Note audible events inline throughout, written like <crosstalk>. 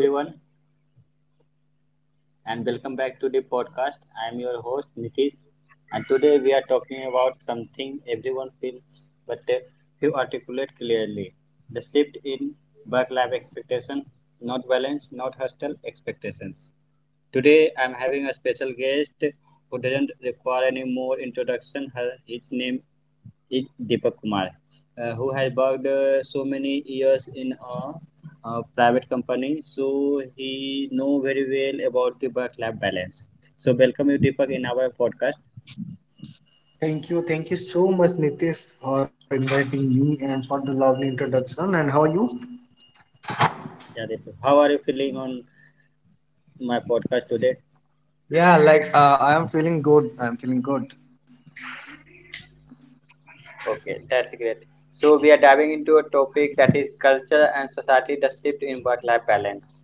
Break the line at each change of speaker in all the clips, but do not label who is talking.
Everyone,
Hello.
and welcome back to the podcast. I am your host Nitish, and today we are talking about something everyone feels but few articulate clearly: the shift in work-life expectation, not balance, not hostile expectations. Today, I am having a special guest who doesn't require any more introduction. His name is Deepak Kumar, who has worked so many years in a private company, so he know very well about the work-life balance. So welcome you, Deepak, in our podcast.
Thank you. Thank you so much, Nitish, for inviting me and for the lovely introduction. And how are you?
Yeah, Deepak, how are you feeling on my podcast today?
Yeah, I am feeling good. I am feeling good.
Okay, that's great. So we are diving into a topic that is culture and society, the shift in work-life balance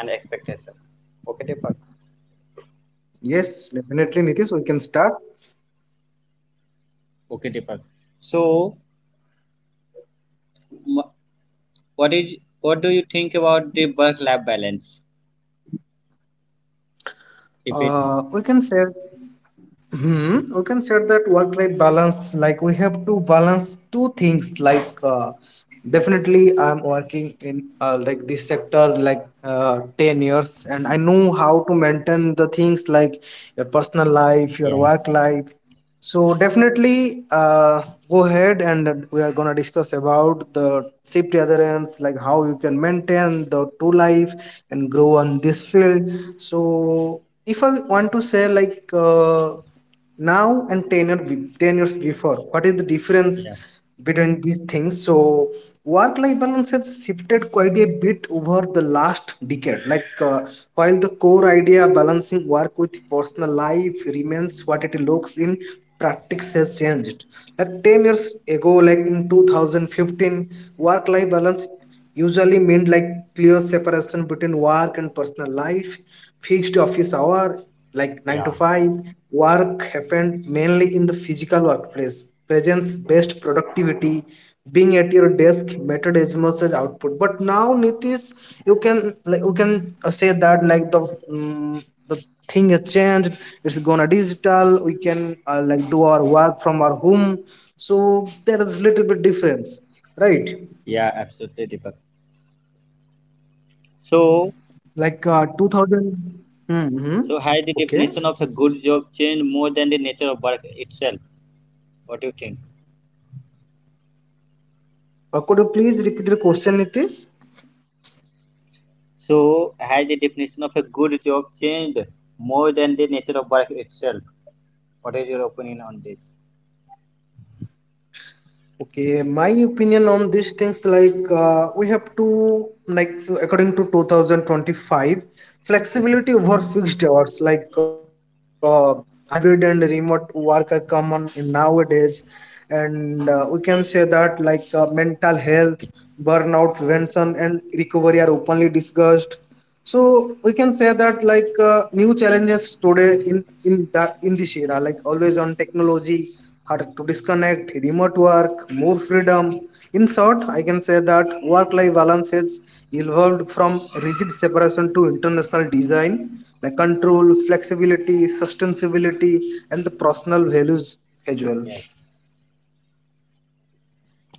and expectation. Okay, Deepak.
Yes, definitely, Nitish, we can start.
Okay, Deepak. So, m- what do you think about the work-life balance? If it,
We can share We can say that work-life balance, like we have to balance two things. Definitely, I'm working in like this sector 10 years, and I know how to maintain the things like your personal life, your
yeah,
work life, so definitely, go ahead and we are gonna discuss about the shift adherence, like how you can maintain the true life and grow on this field. So if I want to say now and 10 years before, what is the difference
yeah,
between these things. So work life balance has shifted quite a bit over the last decade. While the core idea balancing work with personal life remains what it looks in practice has changed. Like 10 years ago, like in 2015, work life balance usually meant like clear separation between work and personal life, fixed office hour like 9 to
yeah,
5. Work happened mainly in the physical workplace, presence based productivity, being at your desk mattered as much as output. But now, Nitish, you can say that like mm the thing has changed. It's gonna digital. We can like do our work from our home. So there is little bit difference, right?
yeah, absolutely, Deepak. So,
2000. Mm-hmm.
so
Okay.
has the definition of a good job changed more than the nature of work itself? What do you think?
Could you please repeat the question, Nitish?
So, has the definition of a good job changed more than the nature of work itself? What is your opinion on this?
Okay, my opinion on these things we have to like according to 2025, flexibility over fixed hours hybrid and remote work are common in nowadays, and we can say that mental health, burnout prevention, and recovery are openly discussed, so we can say that new challenges today in this era like always on technology, hard to disconnect, remote work, more freedom. In short, I can say that work life balance has evolved from rigid separation to international design, like control, flexibility, sustainability, and the personal values as well.
Yes.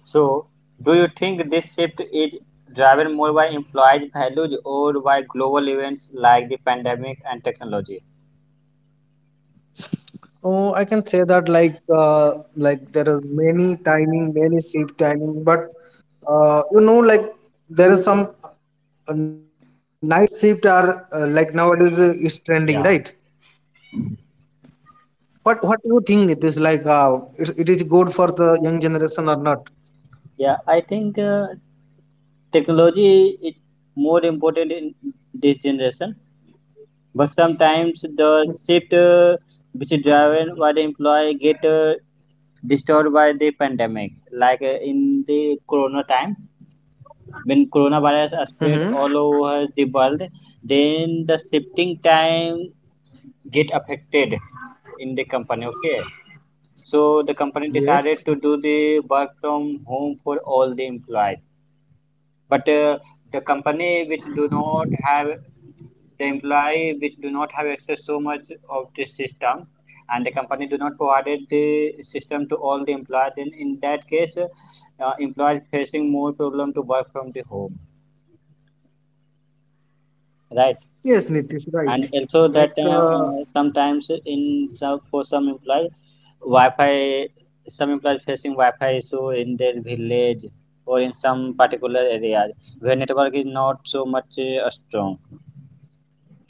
So, do you think this shift is driven more by employees' values or by global events like the pandemic and technology?
Oh, I can say that like there is many timing, many shift timing, but you know like there is some night shift are like nowadays is trending, right?
Yeah.
What do you think it is like? It is good for the young generation or not?
Yeah, I think technology is more important in this generation, but sometimes the shift, which is driven by the employee get disturbed by the pandemic, like in the corona time, when coronavirus
Mm-hmm.
spread all over the world, then the shifting time get affected in the company. Okay, so the company
Yes.
decided to do the work from home for all the employees, but the company which do not have the employee which do not have access so much of this system, and the company do not provided the system to all the employees, then in that case employees facing more problem to work from the home, right?
Yes, Nitish,
And
right.
also that
Like
time,
uh,
sometimes in some for some employee wi-fi, some employees facing wi-fi issue in their village or in some particular areas where network is not so much strong,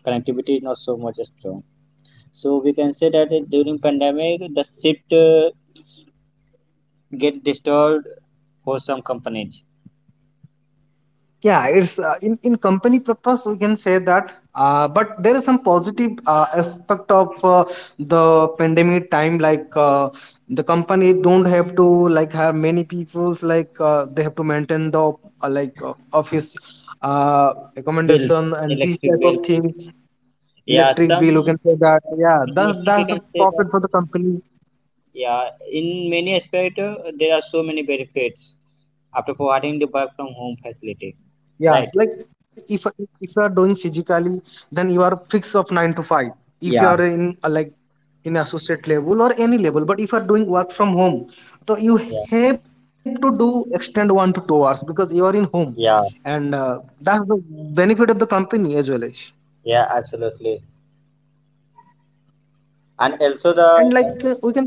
connectivity is not so much strong. So we can say that during pandemic the shift, get disturbed for some companies.
yeah, it's in company purpose we can say that but there is some positive aspect of the pandemic time the company don't have to like hire many peoples they have to maintain the office
Bills,
accommodation and these
electric
type of
bill.
things.
Yeah,
Electric
some
bill, you can say that, yeah,
mostly we
that's the
can say that.
profit for the company.
Yeah, in many aspect, there are so many benefits after providing the work from home facility,
Yeah, so,
right?
if you are doing physically, then you are fixed of nine to five. If
Yeah,
you are in like in associate level or any level, but if you are doing work from home, so
yeah,
you have to do extend 1 to 2 hours because you are in home,
yeah,
and that's the benefit of the company as well as.
yeah, absolutely. and also
And
the
we can say,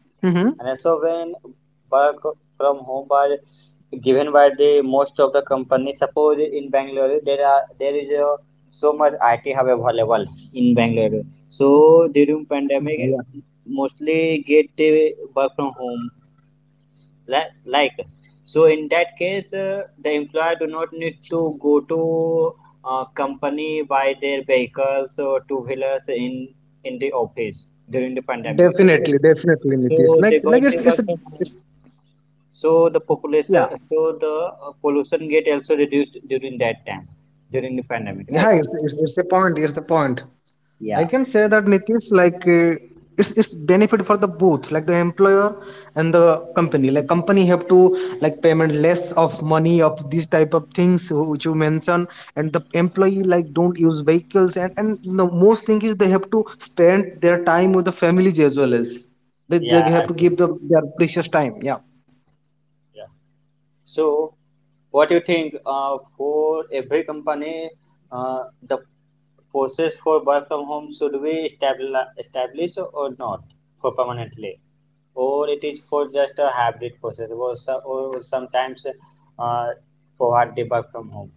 mm-hmm,
And also when work from home are given by the most of the companies, suppose in Bangalore, there are there is a, so much IT hub available in Bangalore. So during
yeah,
pandemic,
yeah,
mostly get the work from home like. So in that case, the employer do not need to go to company by their vehicles or two wheelers in the office during the pandemic,
definitely,
because
definitely, Nitish.
so they
Like
got the work from
it's
home, so the
yeah
population, so the pollution get also reduced during that time, during the pandemic,
yeah
right?
it's a point. It's a point. I
Yeah.
can say that Nitish, it's benefit for the both, like the employer and the company. Like company have to like payment less of money of these type of things which you mentioned, and the employee like don't use vehicles, and the most thing is they have to spend their time with the families as well as they
Yeah,
have to
absolutely.
give the their precious time. Yeah.
Yeah. So what do you think? For every company, uh, the process for work from home should we establish or not for permanently, or it is for just a hybrid process, or sometimes uh, provide the work from home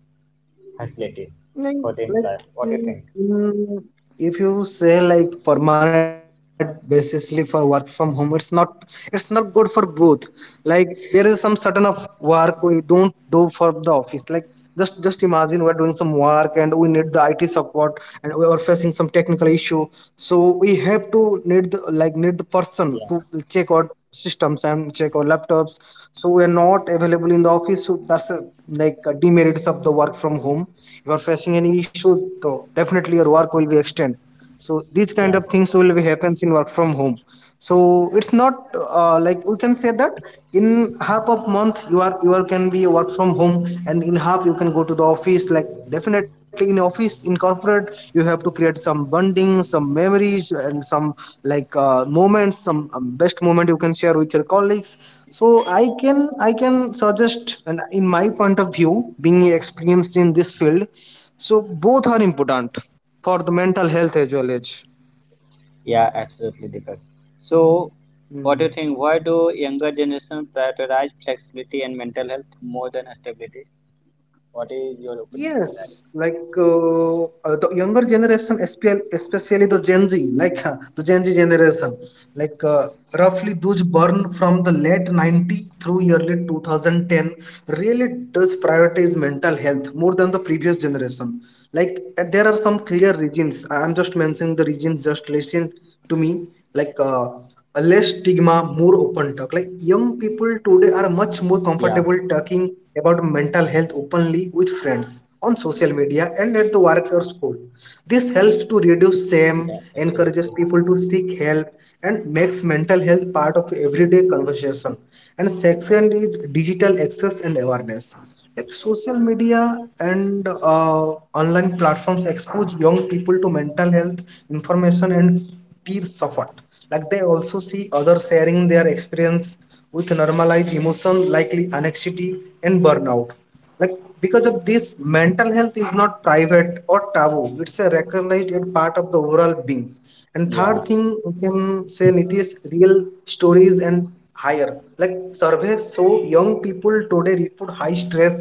facility
Like,
for the
like
employer. What do you think?
mm, if you say like permanent basisly for work from home, it's not good for both. Like there is some certain of work we don't do for the office. Like just imagine we're doing some work and we need the IT support and we are facing some technical issue. So we have to need like need the person to check out systems and check our laptops, so we are not available in the office, so that's a, like a demerits of the work from home. You are facing any issue, so definitely your work will be extended, so these kind
Yeah.
of things will be happens in work from home. So it's not, like we can say that in half of month you are can be work from home and in half you can go to the office. Like definitely in office, in corporate, you have to create some bonding, some memories, and some moments, some best moment you can share with your colleagues. So I can suggest, and in my point of view, being experienced in this field, so both are important for the mental health as well as.
Yeah, absolutely, Deepak. So, what do
Mm.
you think? Why do younger generation prioritize flexibility and mental health more than stability? What is your opinion on that?
Yes, the younger generation, especially the Gen Z, the Gen Z generation, like uh, roughly those born from the late 90s through early 2010, really does prioritize mental health more than the previous generation. There are some clear reasons. I'm just mentioning the reasons. Just listen to me like uh, a less stigma, more open talk. Like young people today are much more
Yeah,
comfortable talking about mental health openly with friends on social media and at the work or school. This helps to reduce shame,
yeah,
encourages
absolutely.
people to seek help, and makes mental health part of everyday conversation. And second is digital access and awareness. Like social media and online platforms expose young people to mental health information and peer support. Like they also see others sharing their experience with normalized emotion likely anxiety and burnout. Like because of this, mental health is not private or taboo, it's a recognized and part of the overall being. And third
Yeah.
thing we can say, Nitish, real stories and higher, like surveys show young people today report high stress,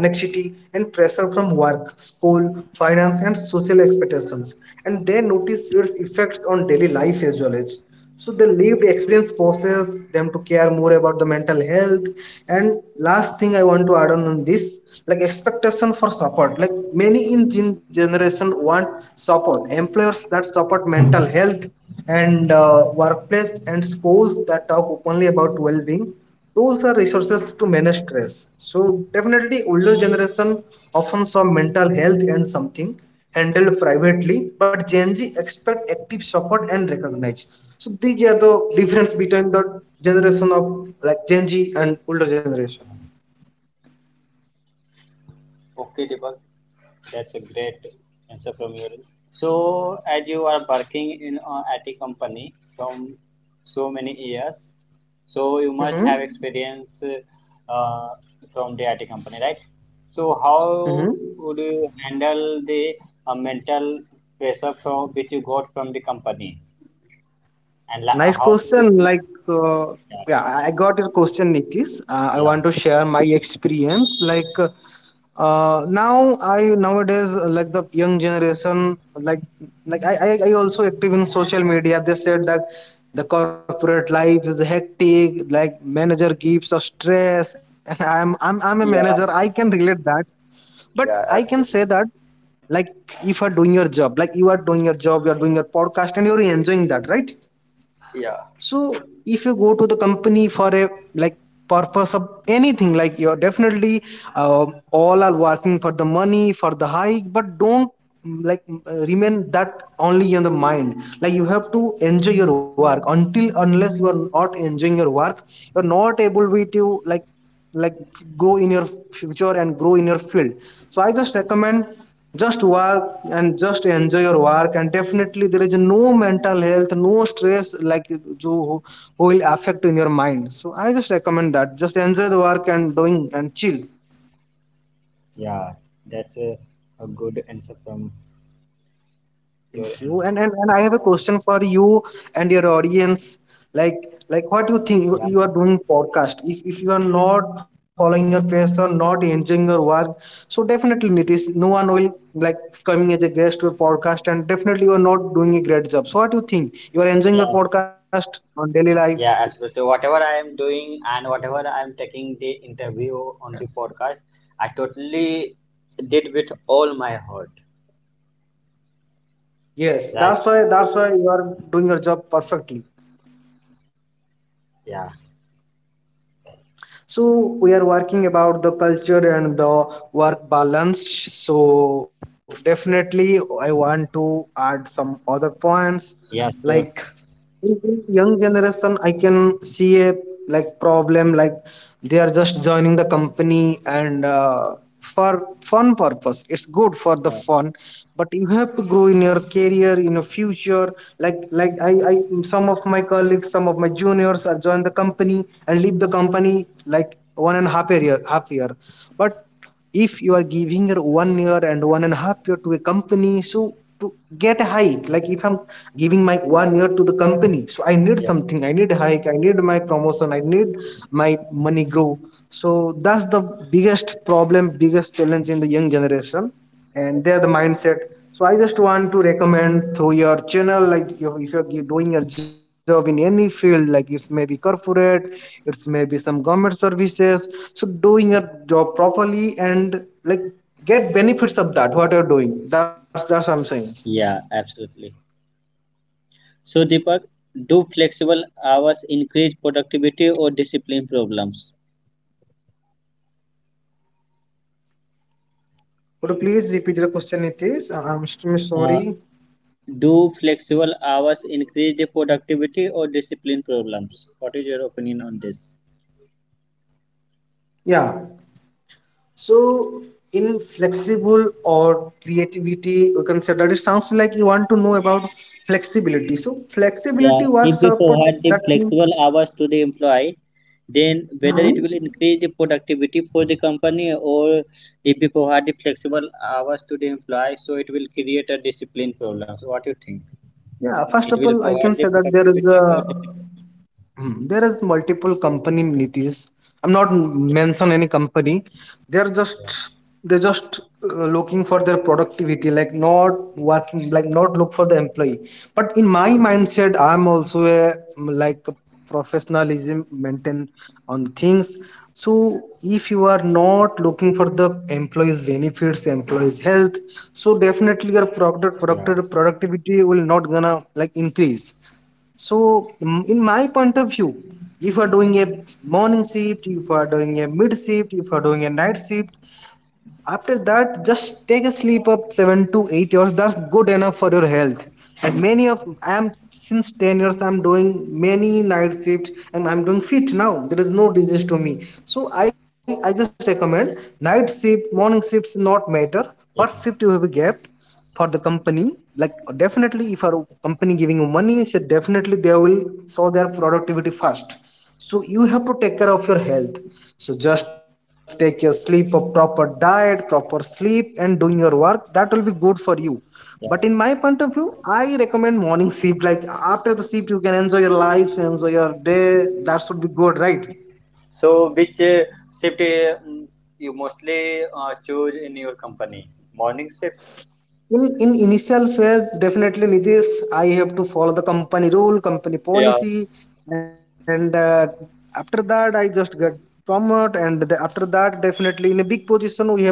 anxiety, and pressure from work, school, finance, and social expectations, and they notice its effects on daily life as well as, so the lived experience forces them to care more about the mental health. And last thing I want to add on, this like expectation for support. Like many in generation want support employers that support mental health, and workplace and schools that talk openly about well-being, tools are resources to manage stress. So definitely older generation often saw mental health and something handled privately, but Gen Z expect active support and recognize. So these are the difference between the generation of like Gen Z and older generation.
Okay, Deepak, that's a great answer from your end. So, as you are working in a IT company from so many years, so you
Mm-hmm.
must have experience uh, from the IT company, right? So
Mm-hmm.
how would you handle the mental pressure from which you got from the company, and
Nice
how did
question.
you?
Like, uh,
Yeah,
yeah, I got your question, Nitish. I
yeah,
want to share my experience. Nowadays like the young generation, like I, I also active in social media. They said that the corporate life is hectic. Like, manager gives us stress, <laughs> and I'm a manager. I
yeah,
can relate that, but I
yeah,
can say
absolutely.
that like if you're doing your job, like you are doing your job, you are doing your podcast, and you're enjoying that, right?
Yeah,
So if you go to the company for a like purpose of anything, like you're definitely, uh, all are working for the money for the hike, but don't remain that only in the mind. Like you have to enjoy your work. Until unless you are not enjoying your work, you're not able to like grow in your future and grow in your field. So I just recommend just work and just enjoy your work, and definitely there is no mental health, no stress. Like who will affect in your mind. So I just recommend that just enjoy the work and doing and chill.
yeah. That's a good answer from your
Thank
end.
you. And, and I have a question for you and your audience. Like like what do you think?
Yeah,
You are doing podcast. If you are not following your passion, not enjoying your work, so definitely Nitish, no one will like coming as a guest to a podcast, and definitely you are not doing a great job. So what do you think? You are enjoying your
yeah,
podcast on daily life?
yeah, absolutely. So, whatever I am doing and whatever I am taking the interview on the podcast, I totally did with all my heart.
Yes,
Right.
that's why you are doing your job perfectly.
Yeah.
So we are working about the culture and the work balance, so definitely I want to add some other points.
Yeah.
Like
Sure.
in young generation I can see a like problem. Like they are just joining the company and for fun purpose, it's good for the
Yeah.
fun, but you have to grow in your career, in your future. Like I, some of my colleagues, some of my juniors have joined the company and leave the company like 1.5 years, half year. But if you are giving your 1 year and 1.5 years to a company, so to get a hike, like if I'm giving my 1 year to the company, so I need
Yeah.
something. I need a hike, I need my promotion, I need my money grow. So that's the biggest problem, biggest challenge in the young generation, and they're the mindset. So I just want to recommend through your channel, like if you're doing your job in any field, like it's maybe corporate, it's maybe some government services, so doing your job properly and like get benefits of that what you're doing. That's what I'm saying.
Yeah. Absolutely. So, Deepak, do flexible hours increase productivity or discipline problems?
Could you please repeat the question? Its I'm so sorry.
Uh, do flexible hours increase the productivity or discipline problems? What is your opinion on this?
Yeah. So in flexible or creativity, we can say that it sounds like you want to know about flexibility. So flexibility
Yeah.
works
If we
up
provide the
that.
flexible hours to the employee, then whether
Mhm.
it will increase the productivity for the company, or if we provide the flexible hours to the employee, so it will create a discipline problem. So, what do you think?
Yeah.
It
First of
will
all, I
provide the
can say that there is
productivity or the,
a Hmm, there is multiple company, Nitish. I'm not mention any company. They're
yeah,
just they're just looking for their productivity, like not working, like not look for the employee. But in my mindset, I'm also a like a professionalism maintain on things. So if you are not looking for the employees' benefits, employees' health, so definitely your
yeah,
productivity will not gonna like increase. So, in my point of view, if you are doing a morning shift, if you are doing a mid shift, if you are doing a night shift, after that, just take a sleep of 7 to 8 hours. That's good enough for your health. And many of I am since 10 years I'm doing many night shift and I'm doing fit now. There is no disease to me. So I just recommend night shift, morning shifts not matter. What shift
yeah,
you have get for the company. Like definitely if our company giving you money, so definitely they will show their productivity first. So you have to take care of your health. So just take your sleep, a proper diet, proper sleep, and doing your work, that will be good for you.
yeah.
But in my point of view, I recommend morning shift. Like after the shift, you can enjoy your life, enjoy your day. That should be good, right?
So which shift, you mostly choose in your company? Morning shift.
In initial phase, definitely Nitish, I have to follow the company rule, company
Yeah,
policy, and after that I just get promoted, and after that definitely in a big position, we have to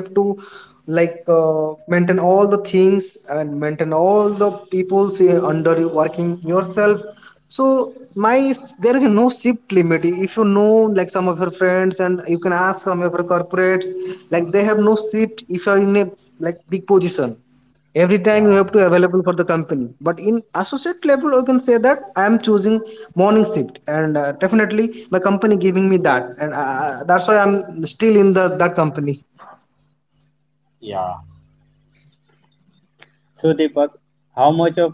like uh, maintain all the things and maintain all the people say under you, working yourself. So my, there is no shift limit. If you know, like some of your friends, and you can ask some of your corporates, like they have no shift if you are in a like big position. Every time you
yeah,
have to available for the company. But in associate level, you can say that I am choosing morning shift, and definitely my company giving me that, and that's why I'm still in the that company.
yeah. So Deepak, how much of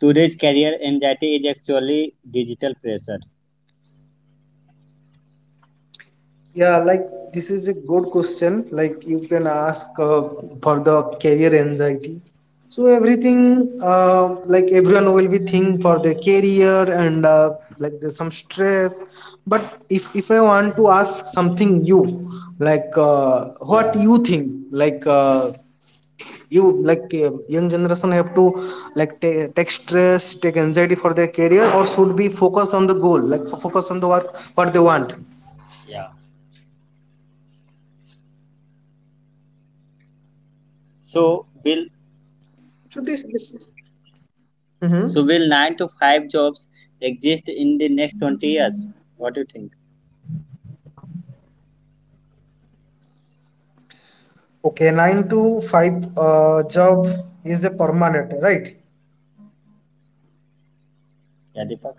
today's career anxiety is actually digital pressure?
Yeah, like this is a good question. Like you can ask for the career anxiety. So everything, like everyone will be think for their career, and like there's some stress. But if I want to ask something you, what
Yeah,
you think, you young generation have to take stress, take anxiety for their career, or should be focus on the goal, focus on the work what they want.
yeah. So will
So this. Mm-hmm.
so will 9 to 5 jobs exist in the next 20 years? What do you think?
Okay, nine to five job is a permanent, right?
Yeah, Deepak.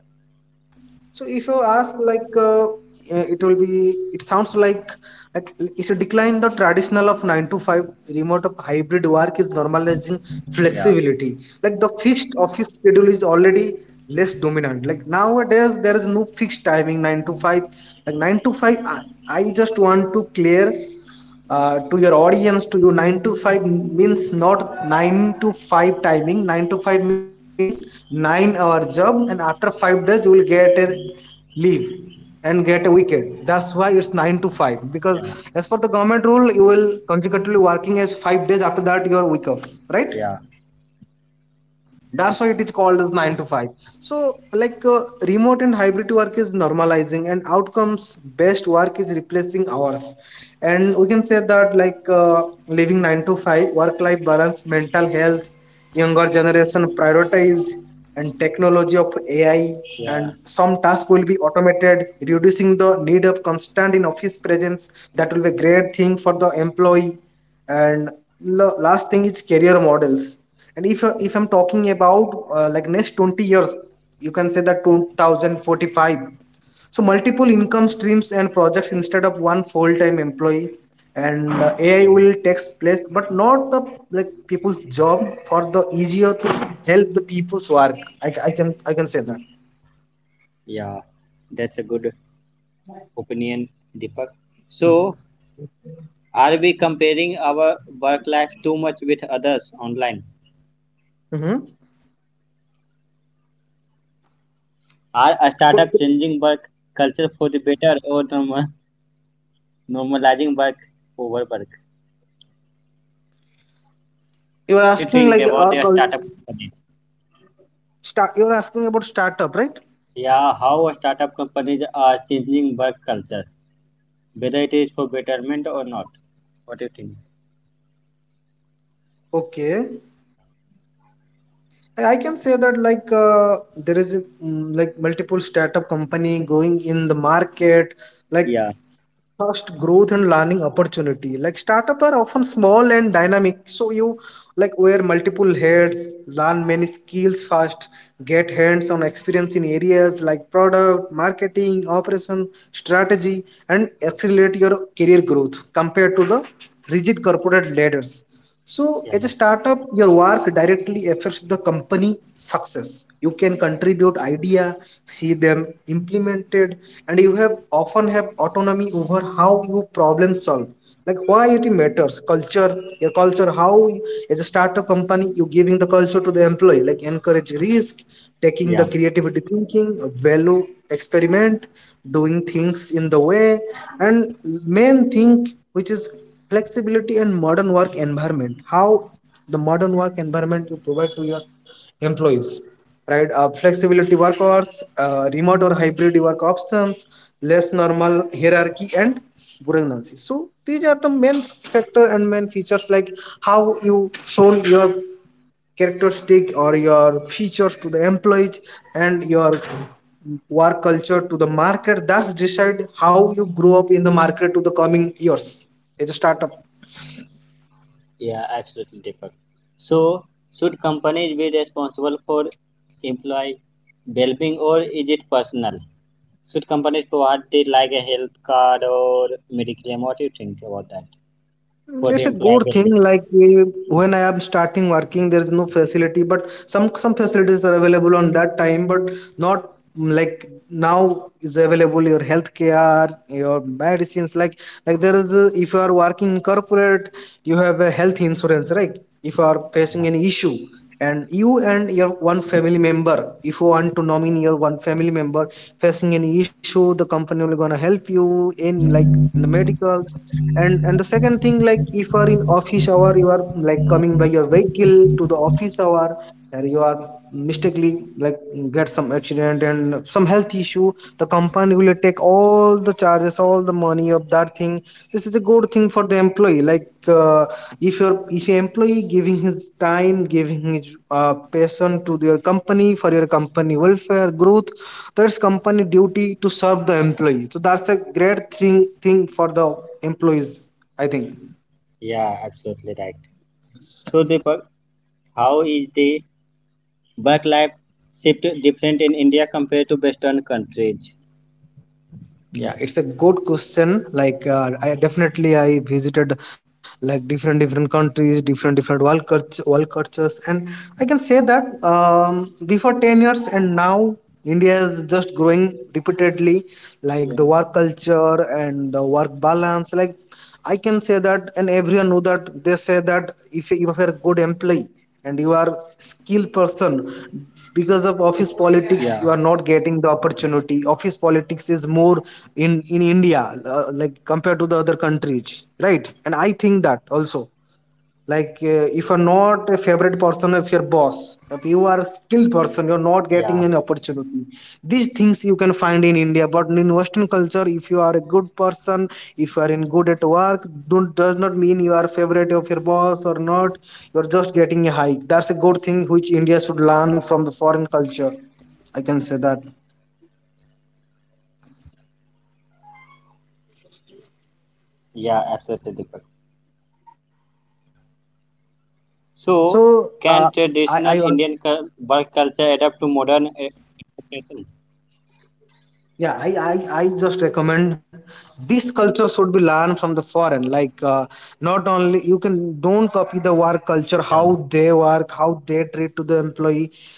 So if you ask it will be, it sounds like if you decline the traditional of nine to five, remote of hybrid work is normalizing
Yeah,
flexibility. Like the fixed office schedule is already less dominant. Like nowadays there is no fixed timing nine to five. Like nine to five, I just want to clear to your audience, to you 9 to 5 means not 9 to 5 timing. 9 to 5 means 9-hour job and after 5 days you will get a leave and get a weekend. That's why it's 9 to 5, because
yeah,
as per the government rule you will consecutively working as 5 days, after that your week off, right?
yeah,
That's why it is called as 9 to 5. So, remote and hybrid work is normalizing, and outcomes based work is replacing hours. And we can say that, living 9 to 5, work life balance, mental health, younger generation prioritize, and technology of AI,
yeah,
and some tasks will be automated, reducing the need of constant in office presence. That will be a great thing for the employee. And last thing is career models. And if I'm talking about like next 20 years, you can say that 2045, so multiple income streams and projects instead of one full-time employee, and AI
yeah,
will takes place but not the like people's job, for the easier to help the people's work. I can say that.
yeah, that's a good opinion, Deepak. So, are we comparing our work life too much with others online?
Mm-hmm.
Are a
Could-
startup changing work culture for the better or normalizing work over work?
You are
What do you
asking
think
like
about
our
the
cul-
startup companies?
start, you are asking about startup, right?
Yeah, how startup companies are changing work culture, whether it is for betterment or not? What do you think?
Okay. I can say that there is like multiple startup company going in the market, like
Yeah,
fast growth and learning opportunity. Like startup are often small and dynamic, so you like wear multiple hats, learn many skills fast, get hands on experience in areas like product marketing, operation, strategy, and accelerate your career growth compared to the rigid corporate ladders. So,
yeah,
as a startup, your work directly affects the company success. You can contribute idea, see them implemented, and you have often have autonomy over how you problem solve. Like why it matters, culture, your culture, how you- as a startup company you giving the culture to the employee, like encourage risk, taking the
yeah.
creativity thinking, value experiment, doing things in the way, and main thing which is flexibility and modern work environment, how the modern work environment you provide to your employees, right? Flexibility work hours, remote or hybrid work options, less normal hierarchy and redundancy. So these are the main factor and main features, like how you shown your characteristic or your features to the employees and your work culture to the market. That's decide how you grow up in the market to the coming years as a startup.
Yeah, absolutely, Deepak. So, should companies be responsible for employee well-being or is it personal? Should companies provide it like a health card or medical claim? What do you think about that for the
It's a
employee
good thing.
well-being?
Like we, when I am starting working, there is no facility, but some facilities are available on that time, but not like now is available your healthcare, your medicines. Like there is a, if you are working in corporate, you have a health insurance, right? If you are facing any issue, and you and your one family member, if you want to nominate your one family member facing any issue, the company will gonna help you in like in the medicals. And the second thing, like if you are in office hour, you are like coming by your vehicle to the office hour, and you are mistakenly like get some accident and some health issue, the company will take all the charges, all the money of that thing. This is a good thing for the employee. Like if your employee giving his time, giving his passion to your company, for your company welfare growth, that's company duty to serve the employee. So that's a great thing for the employees, I think.
Yeah, absolutely right. So, Deepak, how is the work-life shift different in India compared to Western countries?
Yeah, it's a good question. Like I definitely, I visited like different different countries, different different world cultures, and I can say that before 10 years and now India is just growing repeatedly, like
Yeah,
the work culture and the work balance. Like I can say that, and everyone know that, they say that if you're a good employee and you are skilled person, because of office politics
yeah,
you are not getting the opportunity. Office politics is more in India, like compared to the other countries, right? And I think that also, if you're not a favorite person of your boss, if you are a skilled person, you're not
yeah,
getting an opportunity. These things you can find in India. But in western culture, if you are a good person, if you are in good at work, don't does not mean you are favorite of your boss or not, you're just getting a hike. That's a good thing which India should learn from the foreign culture, I can say that.
yeah, absolutely, Deepak. So,
so uh,
can
i
traditional
i
Indian work culture adapt to modern expectations?
yeah, I just recommend this culture should be learned from the foreign, not only you can, don't copy the work culture,
Yeah,
how they work, how they Treat to the employee.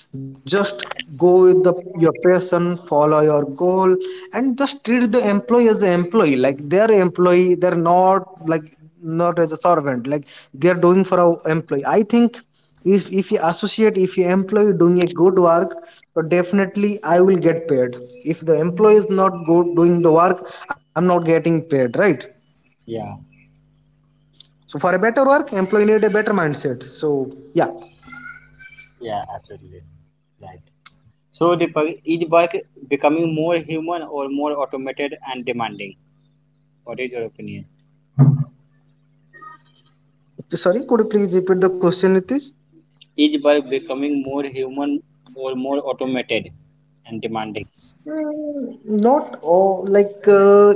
Just go with the your passion, follow your goal, and just treat the employee as an employee. Like they are employee, they're not like not as a servant, like they're doing for our employee. I think if you associate, if you employee doing a good work, so definitely I will get paid. If the employee is not good doing the work, I'm not getting paid, right?
yeah,
So for a better work employee need a better mindset, so yeah.
yeah, absolutely. Right. So, is work becoming more human or more automated and demanding? What is your opinion?
Sorry, could you please repeat the question, Nitish?
Is work becoming more human or more automated and demanding?
Mm, not all. Like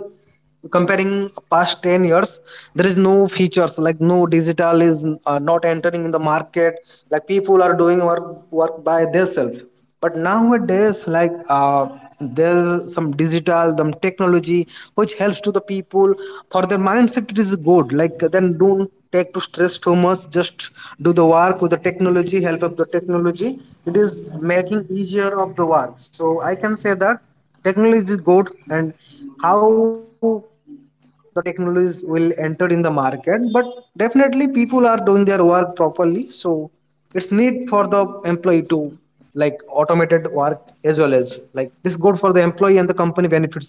comparing past 10 years, there is no features like no digital is not entering in the market. Like people are doing work by themselves. But nowadays, like there's some digital, some technology which helps to the people for their mindset. It is good. Like then don't take to stress too much. Just do the work with the technology, help of the technology, it is making easier of the work. So I can say that technology is good, and how the technologies will enter in the market. But definitely people are doing their work properly, so it's need for the employee to like automated work as well as like this good for the employee and the company benefits as well.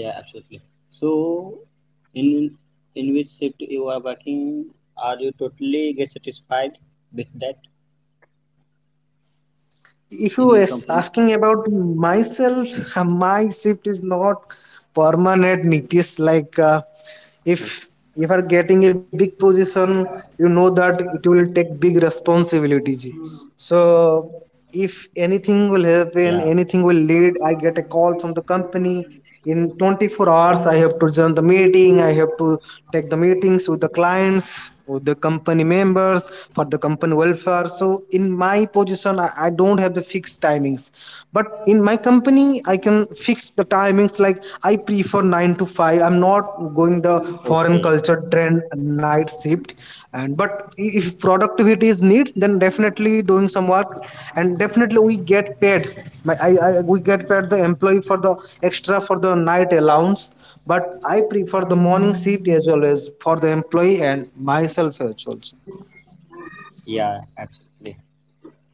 Yeah, absolutely. So, in in which shift you are working, are you totally get satisfied with that
If
in
you
your
is
company?
asking about myself, <laughs> my shift is not permanent, Nitish. Like if you are getting a big position, you know that it will take big responsibility ji. So if anything will happen,
Yeah.
anything will lead, I get a call from the company. In 24 hours I have to join the meeting, I have to take the meetings with the clients for the company members, for the company welfare. So in my position I don't have the fixed timings, but in my company I can fix the timings. Like I prefer 9 to 5, I'm not going the foreign
Okay.
culture trend night shift. And but if productivity is need, then definitely doing some work, and definitely we get paid. I we get paid the employee for the extra, for the night allowance. But I prefer the morning shift as always, for the employee and myself as well.
Yeah, absolutely.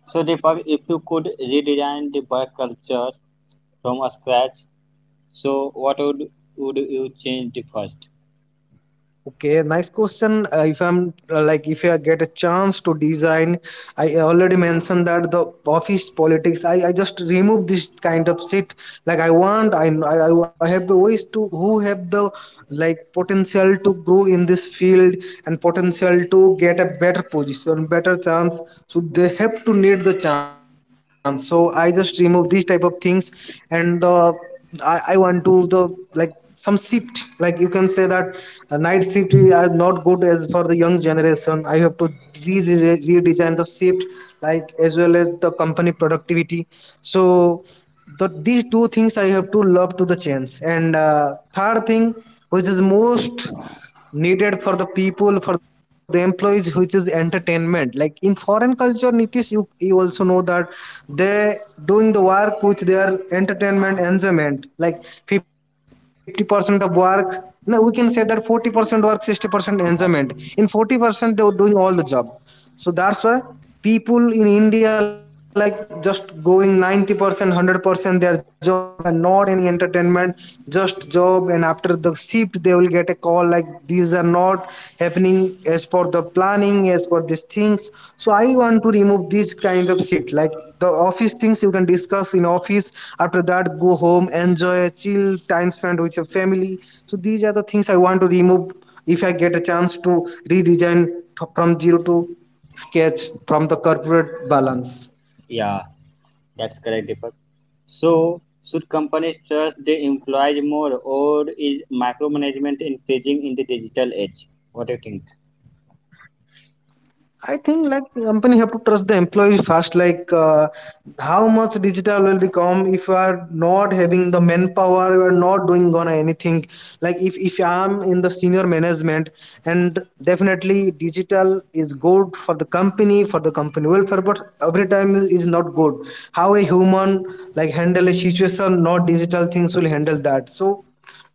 So Deepak, if you could redesign the work culture from scratch, so what would you change the first?
Okay, nice question. If if I get a chance to design, I already mentioned that the office politics. I just remove this kind of shit. Like I want, I have the ways to who have the like potential to grow in this field and potential to get a better position, better chance. So they have to need the chance. So I just remove these type of things. And the I want to the like some shift, like you can say that night shift is not good as for the young generation. I have to re- redesign the shift like as well as the company productivity. So these two things I have to love to the change, and third thing which is most needed for the people, for the employees, which is entertainment. Like in foreign culture, Nitish, you also know that they doing the work with their entertainment, enjoyment. Like 50% of work, no we can say that 40% work, 60%
Yeah,
enjoyment. In 40% they were doing all the job. So that's why people in india like just going 90% 100% their job and not any entertainment, just job. And after the shift they will get a call, like these are not happening as per the planning, as per these things. So I want to remove this kind of shit. Like the office things you can discuss in office, after that go home, enjoy, chill time, spent with your family. So these are the things I want to remove if I get a chance to redesign from zero to sketch from the corporate balance.
yeah, that's correct, Deepak. So should companies trust the employees more, or is micromanagement increasing in the digital age? What do you think?
I think like company have to trust the employees first. Like how much digital will become, if you are not having the manpower, you are not doing on anything. Like if I'm in the senior management, and definitely digital is good for the company, for the company welfare, but every time is not good. How a human like handle a situation, not digital things will handle that. So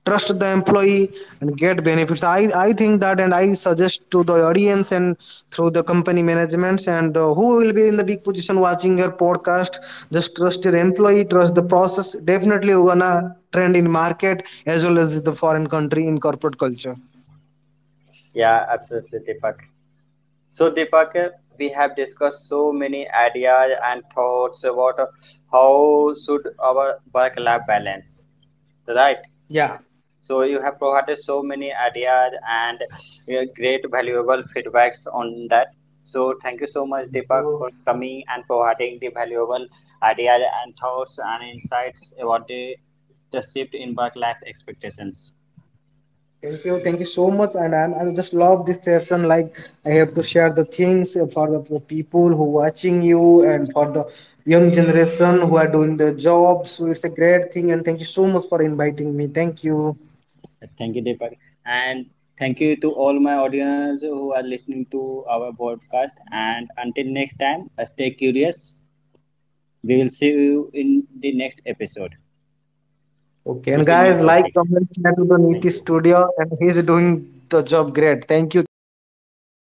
trust the employee and get benefits, I think that. And I suggest to the audience, and through the company managements, and who will be in the big position watching your podcast, just trust your employee, trust the process. Definitely you're gonna trend in market as well as the foreign country in corporate culture.
Yeah, absolutely, Deepak. So, Deepak, we have discussed so many ideas and thoughts about how should our work-life balance, right?
Yeah.
So you have provided so many ideas and great valuable feedbacks on that. So thank you so much Deepak for coming and providing the valuable ideas and thoughts and insights about the shift in work life expectations.
Thank you so much, and I'm just love this session. Like I have to share the things for the for people who watching you and for the young generation who are doing the job. So it's a great thing, and thank you so much for inviting me. Thank you.
Thank you Deepak and thank you to all my audience who are listening to our podcast, and until next time stay curious. We will see you in the next episode
Okay, and
with a new
guys, like,
topic.
comment, share to the Niti
Thank you.
Studio, and he's doing the job great. Thank you, thank you. Bye bye.